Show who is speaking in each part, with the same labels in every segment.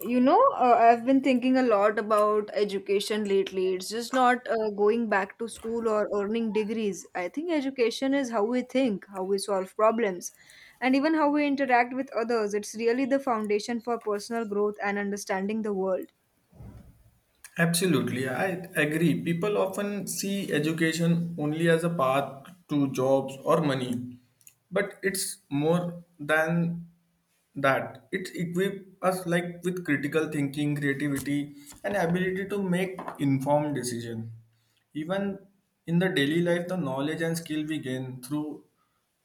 Speaker 1: I've been thinking a lot about education lately. It's just not going back to school or earning degrees. I think education is how we think, how we solve problems, and even how we interact with others. It's really the foundation for personal growth and understanding the world.
Speaker 2: Absolutely, I agree. People often see education only as a path to jobs or money, but it's more than that. It equips us like with critical thinking, creativity, and ability to make informed decision. Even in the daily life, the knowledge and skill we gain through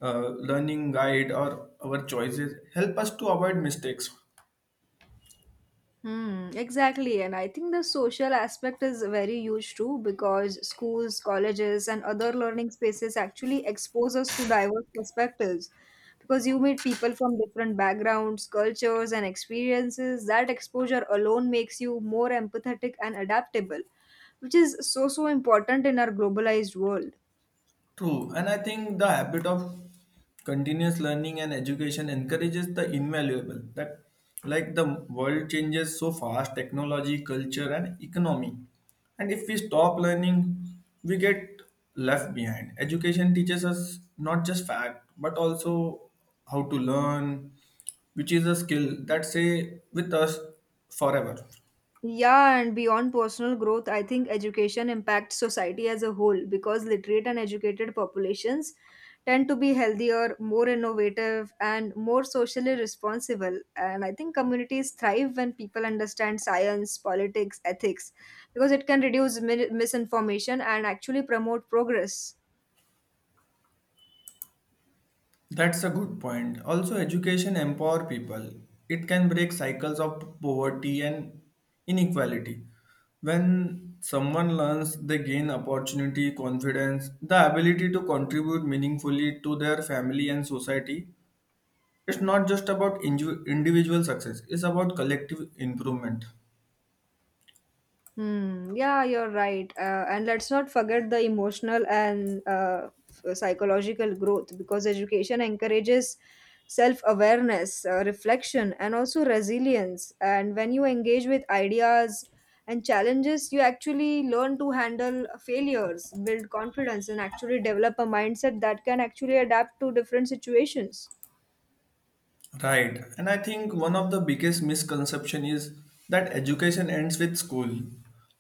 Speaker 2: learning guide or our choices help us to avoid mistakes.
Speaker 1: Hmm, exactly. And I think the social aspect is very huge too because schools, colleges, and other learning spaces actually expose us to diverse perspectives. Because you meet people from different backgrounds, cultures, and experiences, that exposure alone makes you more empathetic and adaptable, which is so, so important in our globalized world.
Speaker 2: True, and I think the habit of continuous learning and education encourages the invaluable that like the world changes so fast, technology, culture, and economy, and if we stop learning we get left behind. Education teaches us not just fact but also how to learn, which is a skill that stay with us forever.
Speaker 1: Yeah, and beyond personal growth, I think education impacts society as a whole because literate and educated populations tend to be healthier, more innovative, and more socially responsible. And I think communities thrive when people understand science, politics, ethics because it can reduce misinformation and actually promote progress.
Speaker 2: That's a good point. Also, education empower people. It can break cycles of poverty and inequality. When someone learns, they gain opportunity, confidence, the ability to contribute meaningfully to their family and society. It's not just about individual success, it's about collective improvement.
Speaker 1: Hmm. Yeah, you're right. And let's not forget the emotional and psychological growth because education encourages self awareness, reflection, and also resilience. And when you engage with ideas and challenges, you actually learn to handle failures, build confidence, and actually develop a mindset that can actually adapt to different situations.
Speaker 2: Right. And I think one of the biggest misconception is that education ends with school.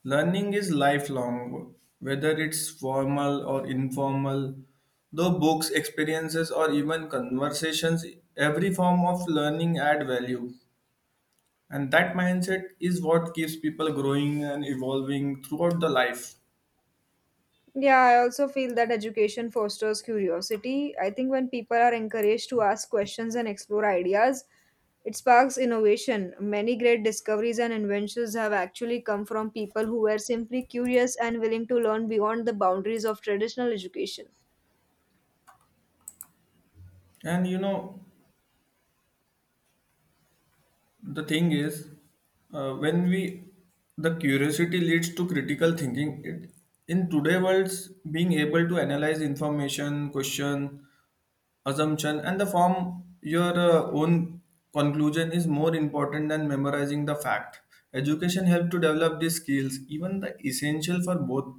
Speaker 2: Learning is lifelong, whether it's formal or informal. Though books, experiences, or even conversations, every form of learning add value. And that mindset is what keeps people growing and evolving throughout the life.
Speaker 1: Yeah, I also feel that education fosters curiosity. I think when people are encouraged to ask questions and explore ideas, it sparks innovation. Many great discoveries and inventions have actually come from people who were simply curious and willing to learn beyond the boundaries of traditional education.
Speaker 2: And you know, the thing is, when we the curiosity leads to critical thinking. It, in today world, being able to analyze information, question, assumption, and the form your own conclusion is more important than memorizing the fact. Education helps to develop these skills, even the essential for both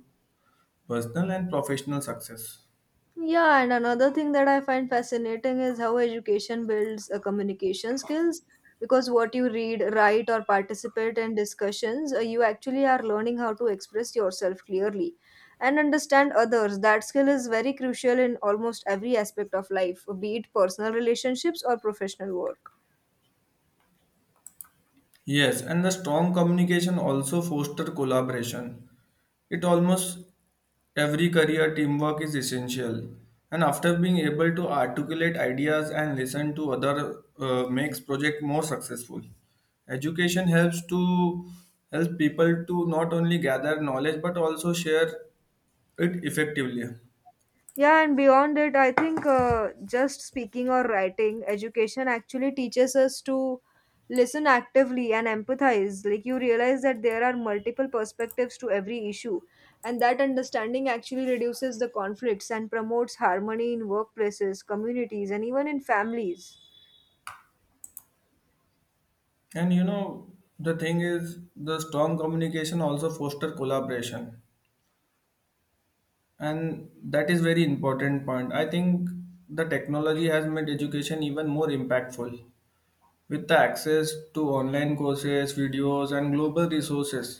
Speaker 2: personal and professional success.
Speaker 1: Yeah, and another thing that I find fascinating is how education builds communication skills because what you read, write, or participate in discussions, you actually are learning how to express yourself clearly and understand others. That skill is very crucial in almost every aspect of life, be it personal relationships or professional work.
Speaker 2: Yes, and the strong communication also foster collaboration. It almost every career teamwork is essential. And after being able to articulate ideas and listen to other makes project more successful. Education help people to not only gather knowledge but also share it effectively.
Speaker 1: Yeah, and beyond it, I think just speaking or writing, education actually teaches us to listen actively and empathize. Like, you realize that there are multiple perspectives to every issue, and that understanding actually reduces the conflicts and promotes harmony in workplaces, communities, and even in families.
Speaker 2: And you know the thing is the strong communication also foster collaboration, and that is very important point. I think the technology has made education even more impactful. With the access to online courses, videos, and global resources,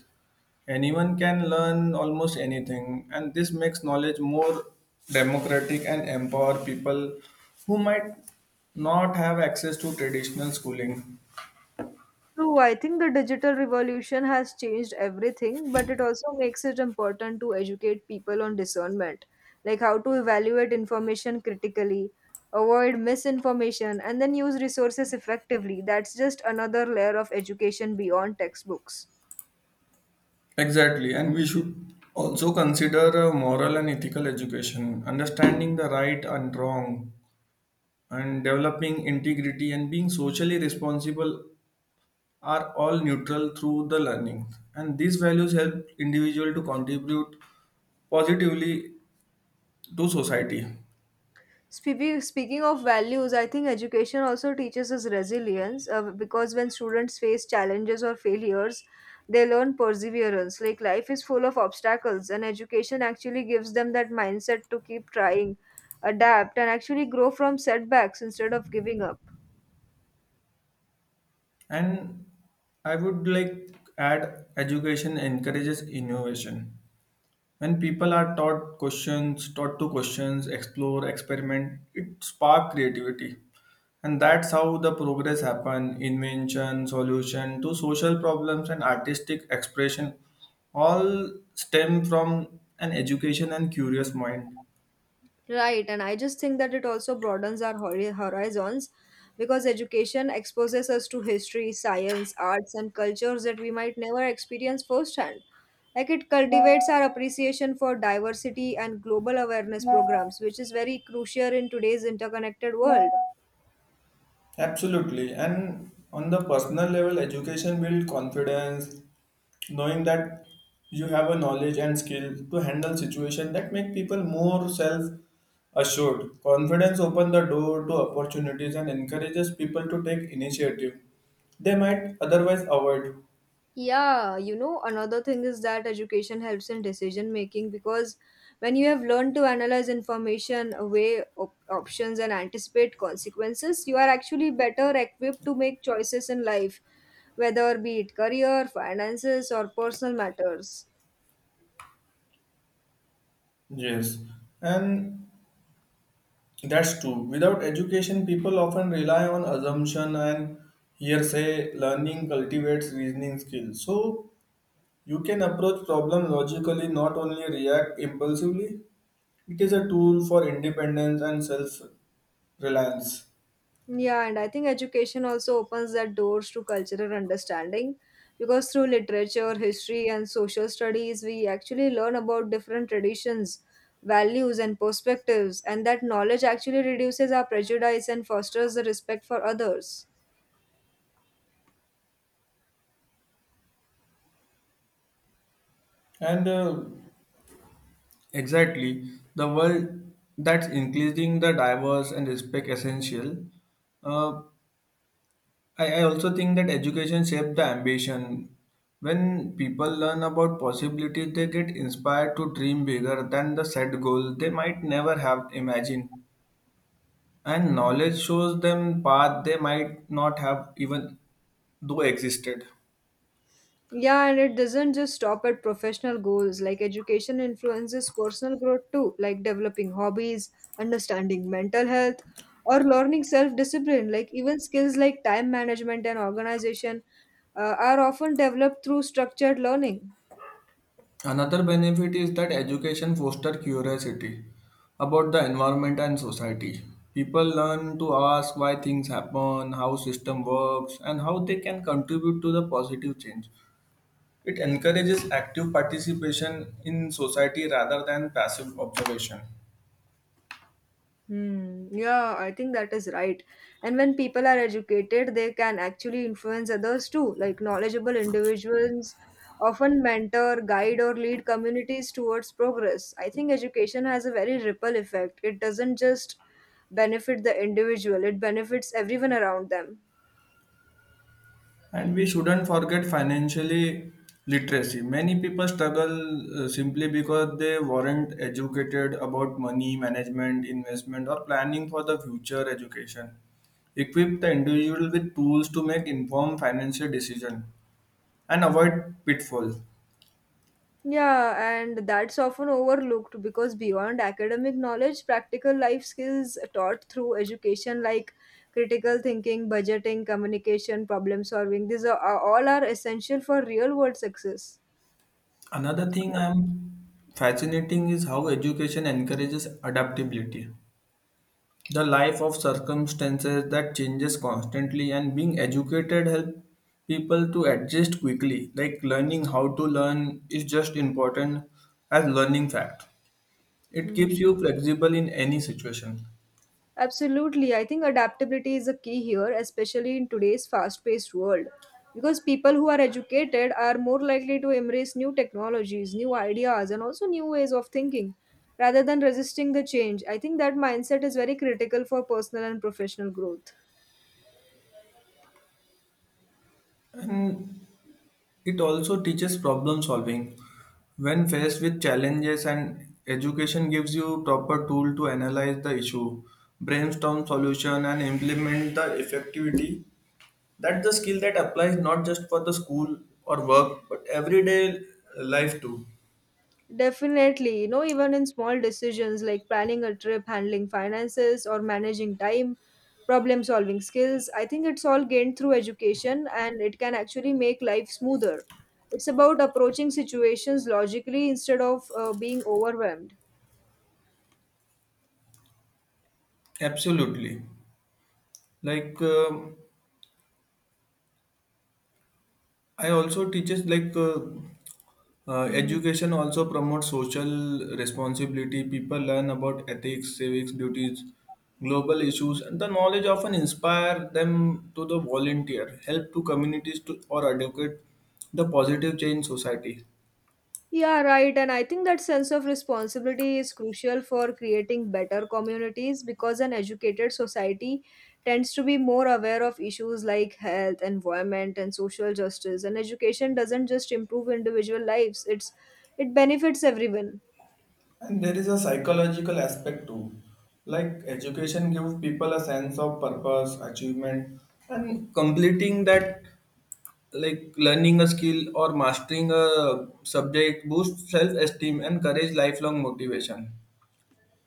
Speaker 2: anyone can learn almost anything, and this makes knowledge more democratic and empower people who might not have access to traditional schooling.
Speaker 1: True, I think the digital revolution has changed everything, but it also makes it important to educate people on discernment, like how to evaluate information critically, avoid misinformation, and then use resources effectively. That's just another layer of education beyond textbooks.
Speaker 2: Exactly, and we should also consider moral and ethical education, understanding the right and wrong and developing integrity and being socially responsible are all neutral through the learning, and these values help individual to contribute positively to society.
Speaker 1: Speaking of values, I think education also teaches us resilience because when students face challenges or failures, they learn perseverance. Like life is full of obstacles, and education actually gives them that mindset to keep trying, adapt, and actually grow from setbacks instead of giving up.
Speaker 2: And I would like add education encourages innovation. When people are taught questions, taught to questions, explore, experiment, it spark creativity. And that's how the progress happen, invention, solution to social problems, and artistic expression all stem from an education and curious mind.
Speaker 1: Right, and I just think that it also broadens our horizons because education exposes us to history, science, arts, and cultures that we might never experience firsthand. Like it cultivates our appreciation for diversity and global awareness programs, which is very crucial in today's interconnected world.
Speaker 2: Absolutely. And on the personal level, education builds confidence, knowing that you have a knowledge and skill to handle situation that make people more self assured. Confidence opens the door to opportunities and encourages people to take initiative they might otherwise avoid.
Speaker 1: Another thing is that education helps in decision making because when you have learned to analyze information, weigh options, and anticipate consequences, you are actually better equipped to make choices in life, whether be it career, finances, or personal matters.
Speaker 2: Yes, and that's true, without education people often rely on assumption and hearsay. Learning cultivates reasoning skills, so you can approach problem logically, not only react impulsively. It is a tool for independence and self reliance.
Speaker 1: Yeah, and I think education also opens that doors to cultural understanding because through literature, history, and social studies, we actually learn about different traditions, values, and perspectives, and that knowledge actually reduces our prejudice and fosters the respect for others.
Speaker 2: And exactly, the world that's increasing the diverse and respect essential. Uh, I also think that education shapes the ambition. When people learn about possibilities, they get inspired to dream bigger than the set goal they might never have imagined. And knowledge shows them path they might not have even though existed.
Speaker 1: Yeah, and it doesn't just stop at professional goals. Like education influences personal growth too, like developing hobbies, understanding mental health, or learning self discipline. Like even skills like time management and organization are often developed through structured learning.
Speaker 2: Another benefit is that education fosters curiosity about the environment and society. People learn to ask why things happen, how system works, and how they can contribute to the positive change. It encourages active participation in society rather than passive observation.
Speaker 1: Hmm. Yeah, I think that is right. And when people are educated, they can actually influence others too. Like knowledgeable individuals often mentor, guide, or lead communities towards progress. I think education has a very ripple effect. It doesn't just benefit the individual, it benefits everyone around them.
Speaker 2: And we shouldn't forget financially literacy. Many people struggle simply because they weren't educated about money management, investment, or planning for the future education. Equip the individual with tools to make informed financial decisions and avoid pitfalls.
Speaker 1: Yeah, and that's often overlooked because beyond academic knowledge, practical life skills taught through education like critical thinking, budgeting, communication, problem solving, these are all are essential for real world success.
Speaker 2: Another thing I'm fascinating is how education encourages adaptability. The life of circumstances that changes constantly and being educated help people to adjust quickly, like learning how to learn is just important as learning fact. It keeps you
Speaker 1: Hmm.
Speaker 2: flexible in any situation.
Speaker 1: Absolutely. I think adaptability is a key here, especially in today's fast paced world. Because people who are educated are more likely to embrace new technologies, new ideas, and also new ways of thinking rather than resisting the change. I think that mindset is very critical for personal and professional growth.
Speaker 2: And it also teaches problem solving. When faced with challenges, and education gives you proper tool to analyze the issue, brainstorm solution, and implement the effectivity. That's the skill that applies not just for the school or work, but everyday life too.
Speaker 1: Definitely, you know, even in small decisions like planning a trip, handling finances, or managing time, problem solving skills, I think it's all gained through education and it can actually make life smoother. It's about approaching situations logically instead of being overwhelmed.
Speaker 2: Absolutely. Like I also teaches like
Speaker 1: Mhm.
Speaker 2: education also promotes social responsibility. People learn about ethics, civics duties, global issues, and the knowledge often inspire them to the volunteer, help to communities to or advocate the positive change in society.
Speaker 1: Yeah, right. And I think that sense of responsibility is crucial for creating better communities because an educated society tends to be more aware of issues like health, environment, and social justice. And education doesn't just improve individual lives, it benefits everyone.
Speaker 2: And there is a psychological aspect too. Like education gives people a sense of purpose, achievement, and completing that, like learning a skill or mastering a subject, boosts self esteem, and encourage lifelong motivation.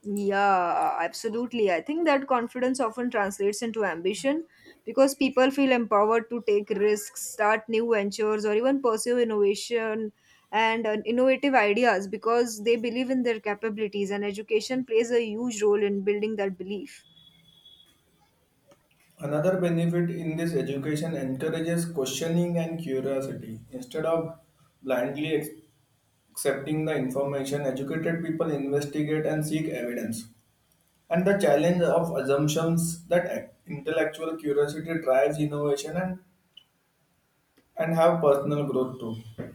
Speaker 1: Yeah, absolutely. I think that confidence often translates into ambition because people feel empowered to take risks, start new ventures, or even pursue innovation and innovative ideas because they believe in their capabilities, and education plays a huge role in building that belief.
Speaker 2: Another benefit in this education encourages questioning and curiosity. Instead of blindly accepting the information, educated people investigate and seek evidence, and the challenge of assumptions that intellectual curiosity drives innovation and have personal growth too.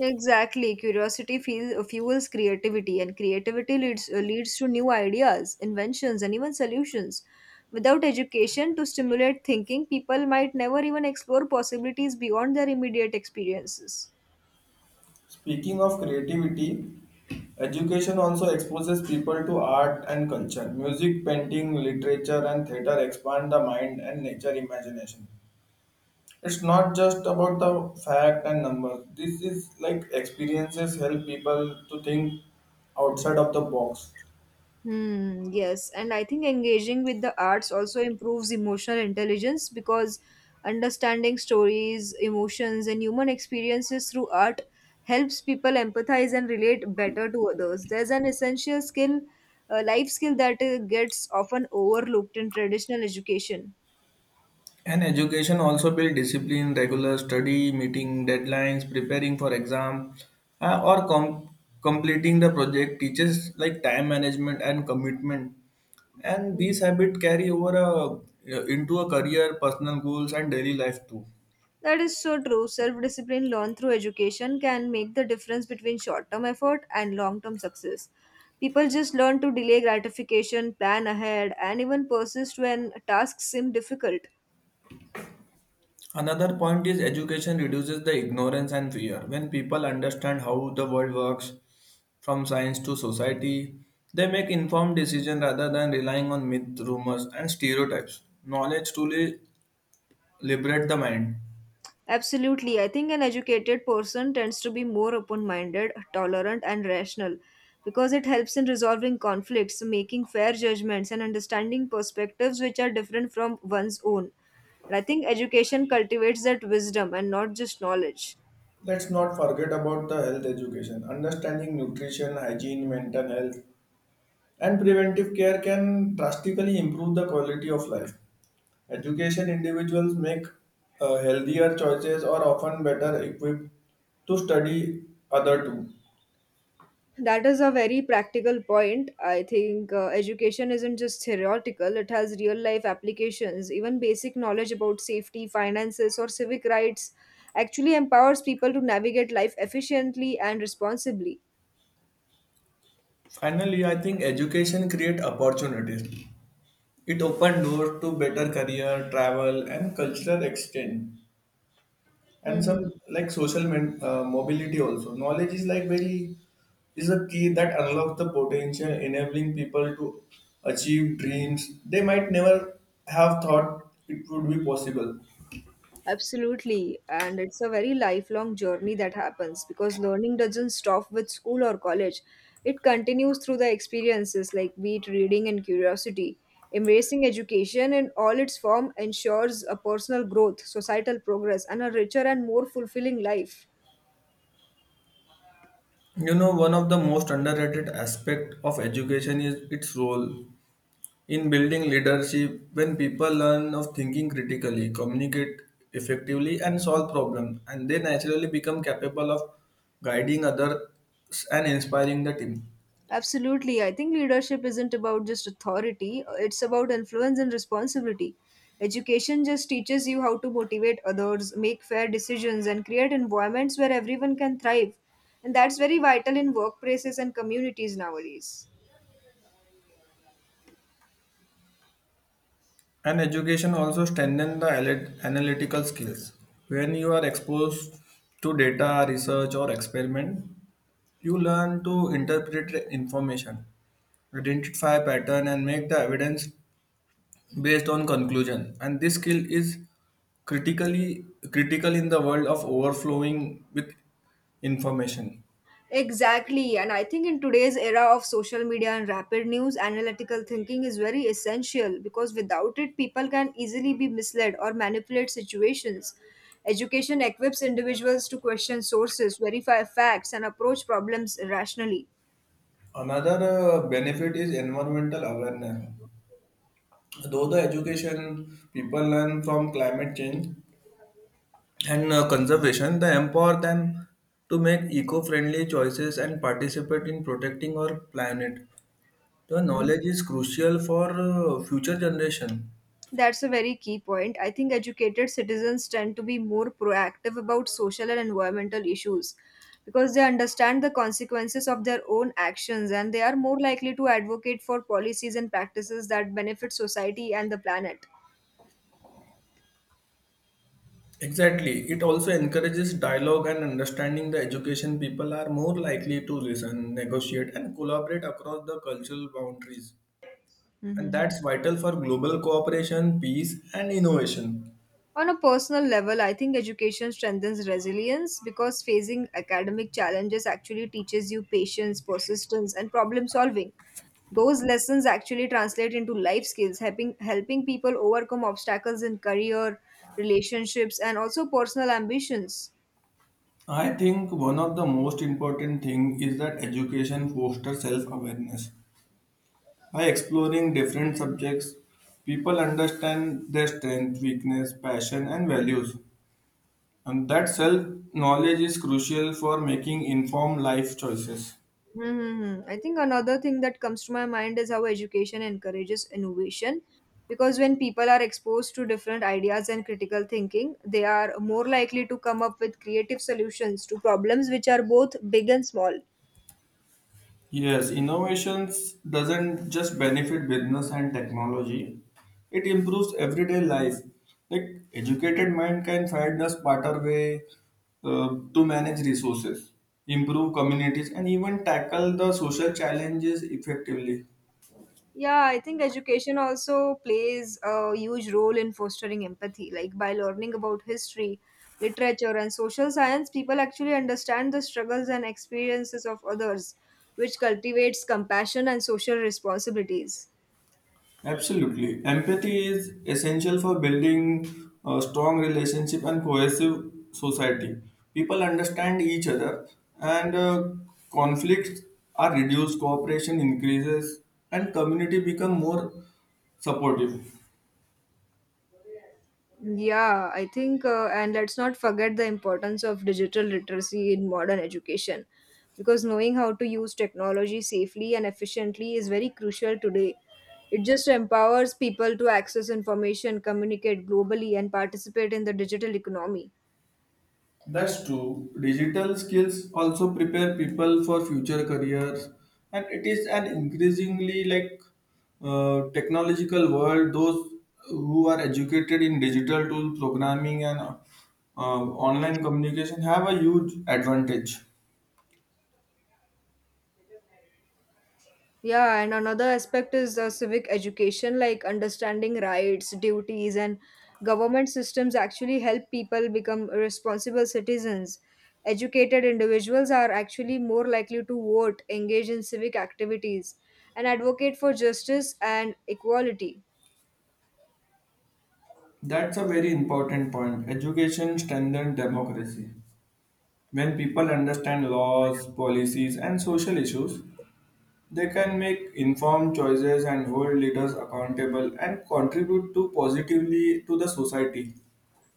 Speaker 1: Exactly. Fuels creativity, and creativity leads to new ideas, inventions, and even solutions. Without education to stimulate thinking, people might never even explore possibilities beyond their immediate experiences.
Speaker 2: Speaking of creativity, education also exposes people to art and culture. Music, painting, literature, and theater expand the mind and nature imagination. It's not just about the fact and numbers. This is like experiences help people to think outside of the box.
Speaker 1: Hmm, yes, and I think engaging with the arts also improves emotional intelligence because understanding stories, emotions, and human experiences through art helps people empathize and relate better to others. There's an essential skill, a life skill that gets often overlooked in traditional education.
Speaker 2: And education also build discipline, regular study, meeting deadlines, preparing for exam, uh, or com- completing the project teaches like time management and commitment. And these habits carry over into a career, personal goals, and daily life too.
Speaker 1: That is so true. Self discipline learned through education can make the difference between short term effort and long term success. People just learn to delay gratification, plan ahead, and even persist when tasks seem difficult.
Speaker 2: Another point is education reduces the ignorance and fear. When people understand how the world works, from science to society, they make informed decisions rather than relying on myth, rumors, and stereotypes. Knowledge truly liberate the mind.
Speaker 1: Absolutely. I think an educated person tends to be more open minded, tolerant, and rational because it helps in resolving conflicts, making fair judgments, and understanding perspectives which are different from one's own. And I think education cultivates that wisdom and not just knowledge.
Speaker 2: Let's not forget about the health education. Understanding nutrition, hygiene, mental health, and preventive care can drastically improve the quality of life. Education individuals make healthier choices or often better equipped to study other too.
Speaker 1: That is a very practical point. I think education isn't just theoretical, it has real life applications. Even basic knowledge about safety, finances, or civic rights actually empowers people to navigate life efficiently and responsibly.
Speaker 2: Finally, I think education create opportunities. It open doors to better career, travel, and cultural exchange, and
Speaker 1: Mhm.
Speaker 2: some like mobility also. Knowledge is like very Is a key that unlocks the potential, enabling people to achieve dreams they might never have thought it would be possible.
Speaker 1: Absolutely. And it's a very lifelong journey that happens because learning doesn't stop with school or college. It continues through the experiences like be it reading and curiosity. Embracing education in all its form ensures a personal growth, societal progress, and a richer and more fulfilling life.
Speaker 2: You know, one of the most underrated aspect of education is its role in building leadership. When people learn of thinking critically, communicate effectively, and solve problems, and they naturally become capable of guiding others and inspiring the team.
Speaker 1: Absolutely. I think leadership isn't about just authority, it's about influence and responsibility. Education just teaches you how to motivate others, make fair decisions, and create environments where everyone can thrive. And that's very vital in workplaces and communities nowadays.
Speaker 2: And education also strengthens the analytical skills. When you are exposed to data, research, or experiment, you learn to interpret information, identify pattern, and make the evidence based on conclusion, and this skill is critically critical in the world of overflowing with information.
Speaker 1: Exactly, and I think in today's era of social media and rapid news, analytical thinking is very essential because without it, people can easily be misled or manipulate situations. Education equips individuals to question sources, verify facts, and approach problems rationally.
Speaker 2: Another benefit is environmental awareness. Though the education people learn from climate change and conservation, they empower them to make eco-friendly choices and participate in protecting our planet. The knowledge is crucial for future generation.
Speaker 1: That's a very key point. I think educated citizens tend to be more proactive about social and environmental issues because they understand the consequences of their own actions and they are more likely to advocate for policies and practices that benefit society and the planet.
Speaker 2: Exactly. It also encourages dialogue and understanding the education people are more likely to listen, negotiate, and collaborate across the cultural boundaries. And
Speaker 1: Mhm.
Speaker 2: that's vital for global cooperation, peace, and innovation.
Speaker 1: On a personal level, I think education strengthens resilience because facing academic challenges actually teaches you patience, persistence, and problem solving. Those lessons actually translate into life skills, helping people overcome obstacles in career, relationships, and also personal ambitions.
Speaker 2: I think one of the most important thing is that education fosters self-awareness. By exploring different subjects, people understand their strength, weakness, passion, and values. And that self-knowledge is crucial for making informed life choices.
Speaker 1: Mm-hmm. I think another thing that comes to my mind is how education encourages innovation because when people are exposed to different ideas and critical thinking, they are more likely to come up with creative solutions to problems which are both big and small.
Speaker 2: Yes, innovations doesn't just benefit business and technology. It improves everyday life. Like educated mind can find a smarter way to manage resources, improve communities, and even tackle the social challenges effectively.
Speaker 1: Yeah, I think education also plays a huge role in fostering empathy. Like by learning about history, literature, and social science, people actually understand the struggles and experiences of others, which cultivates compassion and social responsibilities.
Speaker 2: Absolutely. Empathy is essential for building a strong relationship and cohesive society. People understand each other and conflicts are reduced, cooperation increases, and community become more supportive.
Speaker 1: And let's not forget the importance of digital literacy in modern education because knowing how to use technology safely and efficiently is very crucial today. It just empowers people to access information, communicate globally, and participate in the digital economy.
Speaker 2: That's true. Digital skills also prepare people for future careers, and it is an increasingly like technological world. Those who are educated in digital tool programming and online communication have a huge advantage.
Speaker 1: Yeah, and another aspect is civic education, like understanding rights, duties, and government systems actually help people become responsible citizens. Educated individuals are actually more likely to vote, engage in civic activities, and advocate for justice and equality.
Speaker 2: That's a very important point. Education strengthens democracy. When people understand laws, policies, and social issues, they can make informed choices and hold leaders accountable and contribute to positively to the society.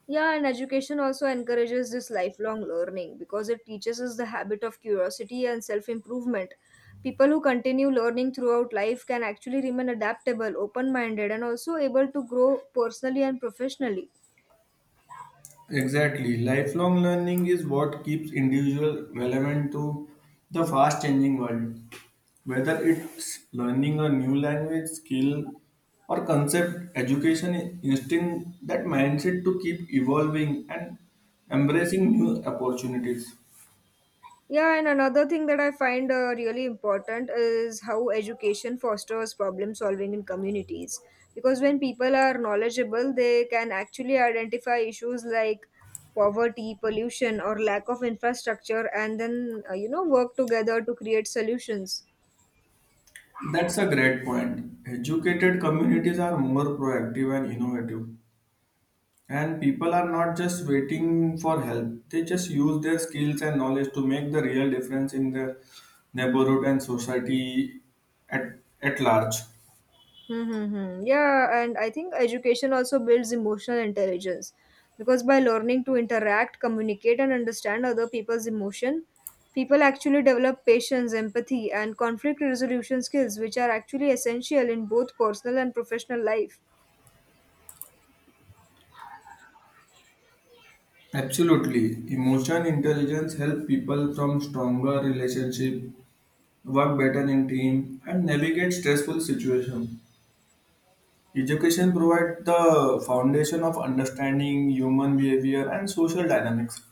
Speaker 1: Yeah, and education also encourages this lifelong learning because it teaches us the habit of curiosity and self improvement. People who continue learning throughout life can actually remain adaptable, open minded, and also able to grow personally and professionally.
Speaker 2: Exactly. Lifelong learning is what keeps individuals relevant to the fast changing world. Whether it's learning a new language, skill, or concept, education instinct that mindset to keep evolving and embracing new opportunities.
Speaker 1: Yeah, and another thing that I find really important is how education fosters problem solving in communities. Because when people are knowledgeable, they can actually identify issues like poverty, pollution, or lack of infrastructure, and work together to create solutions.
Speaker 2: That's a great point. Educated communities are more proactive and innovative. And people are not just waiting for help, they just use their skills and knowledge to make the real difference in their neighborhood and society at large.
Speaker 1: Mm-hmm. Yeah, and I think education also builds emotional intelligence because by learning to interact, communicate, and understand other people's emotion, people actually develop patience, empathy, and conflict resolution skills, which are actually essential in both personal and professional life.
Speaker 2: Absolutely. Emotion intelligence help people from stronger relationship, work better in team, and navigate stressful situation. Education provides the foundation of understanding human behavior and social dynamics.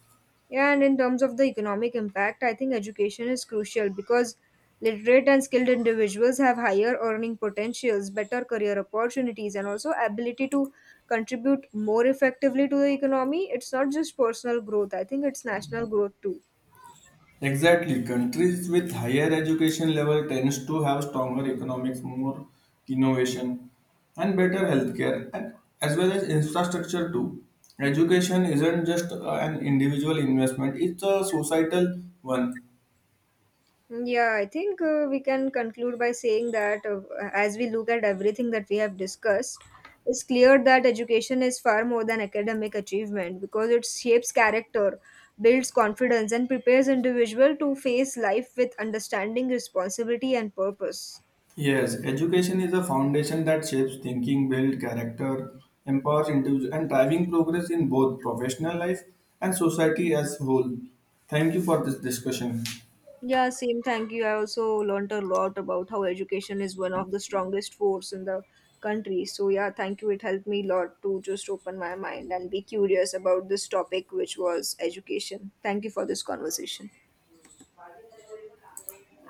Speaker 1: Yeah, and in terms of the economic impact, I think education is crucial because literate and skilled individuals have higher earning potentials, better career opportunities, and also ability to contribute more effectively to the economy. It's not just personal growth, I think it's national growth too.
Speaker 2: Exactly. Countries with higher education level tends to have stronger economics, more innovation, and better healthcare, and as well as infrastructure too. Education isn't just an individual investment; it's a societal one.
Speaker 1: Yeah, I think We can conclude by saying that as we look at everything that we have discussed, it's clear that education is far more than academic achievement because it shapes character, builds confidence, and prepares individual to face life with understanding, responsibility, and purpose.
Speaker 2: Yes, education is a foundation that shapes thinking, builds character, empowers individuals, and driving progress in both professional life and society as whole. Thank you for this discussion.
Speaker 1: Yeah, same. Thank you. I also learned a lot about how education is one of the strongest force in the country. So yeah, thank you. It helped me a lot to just open my mind and be curious about this topic, which was education. Thank you for this conversation.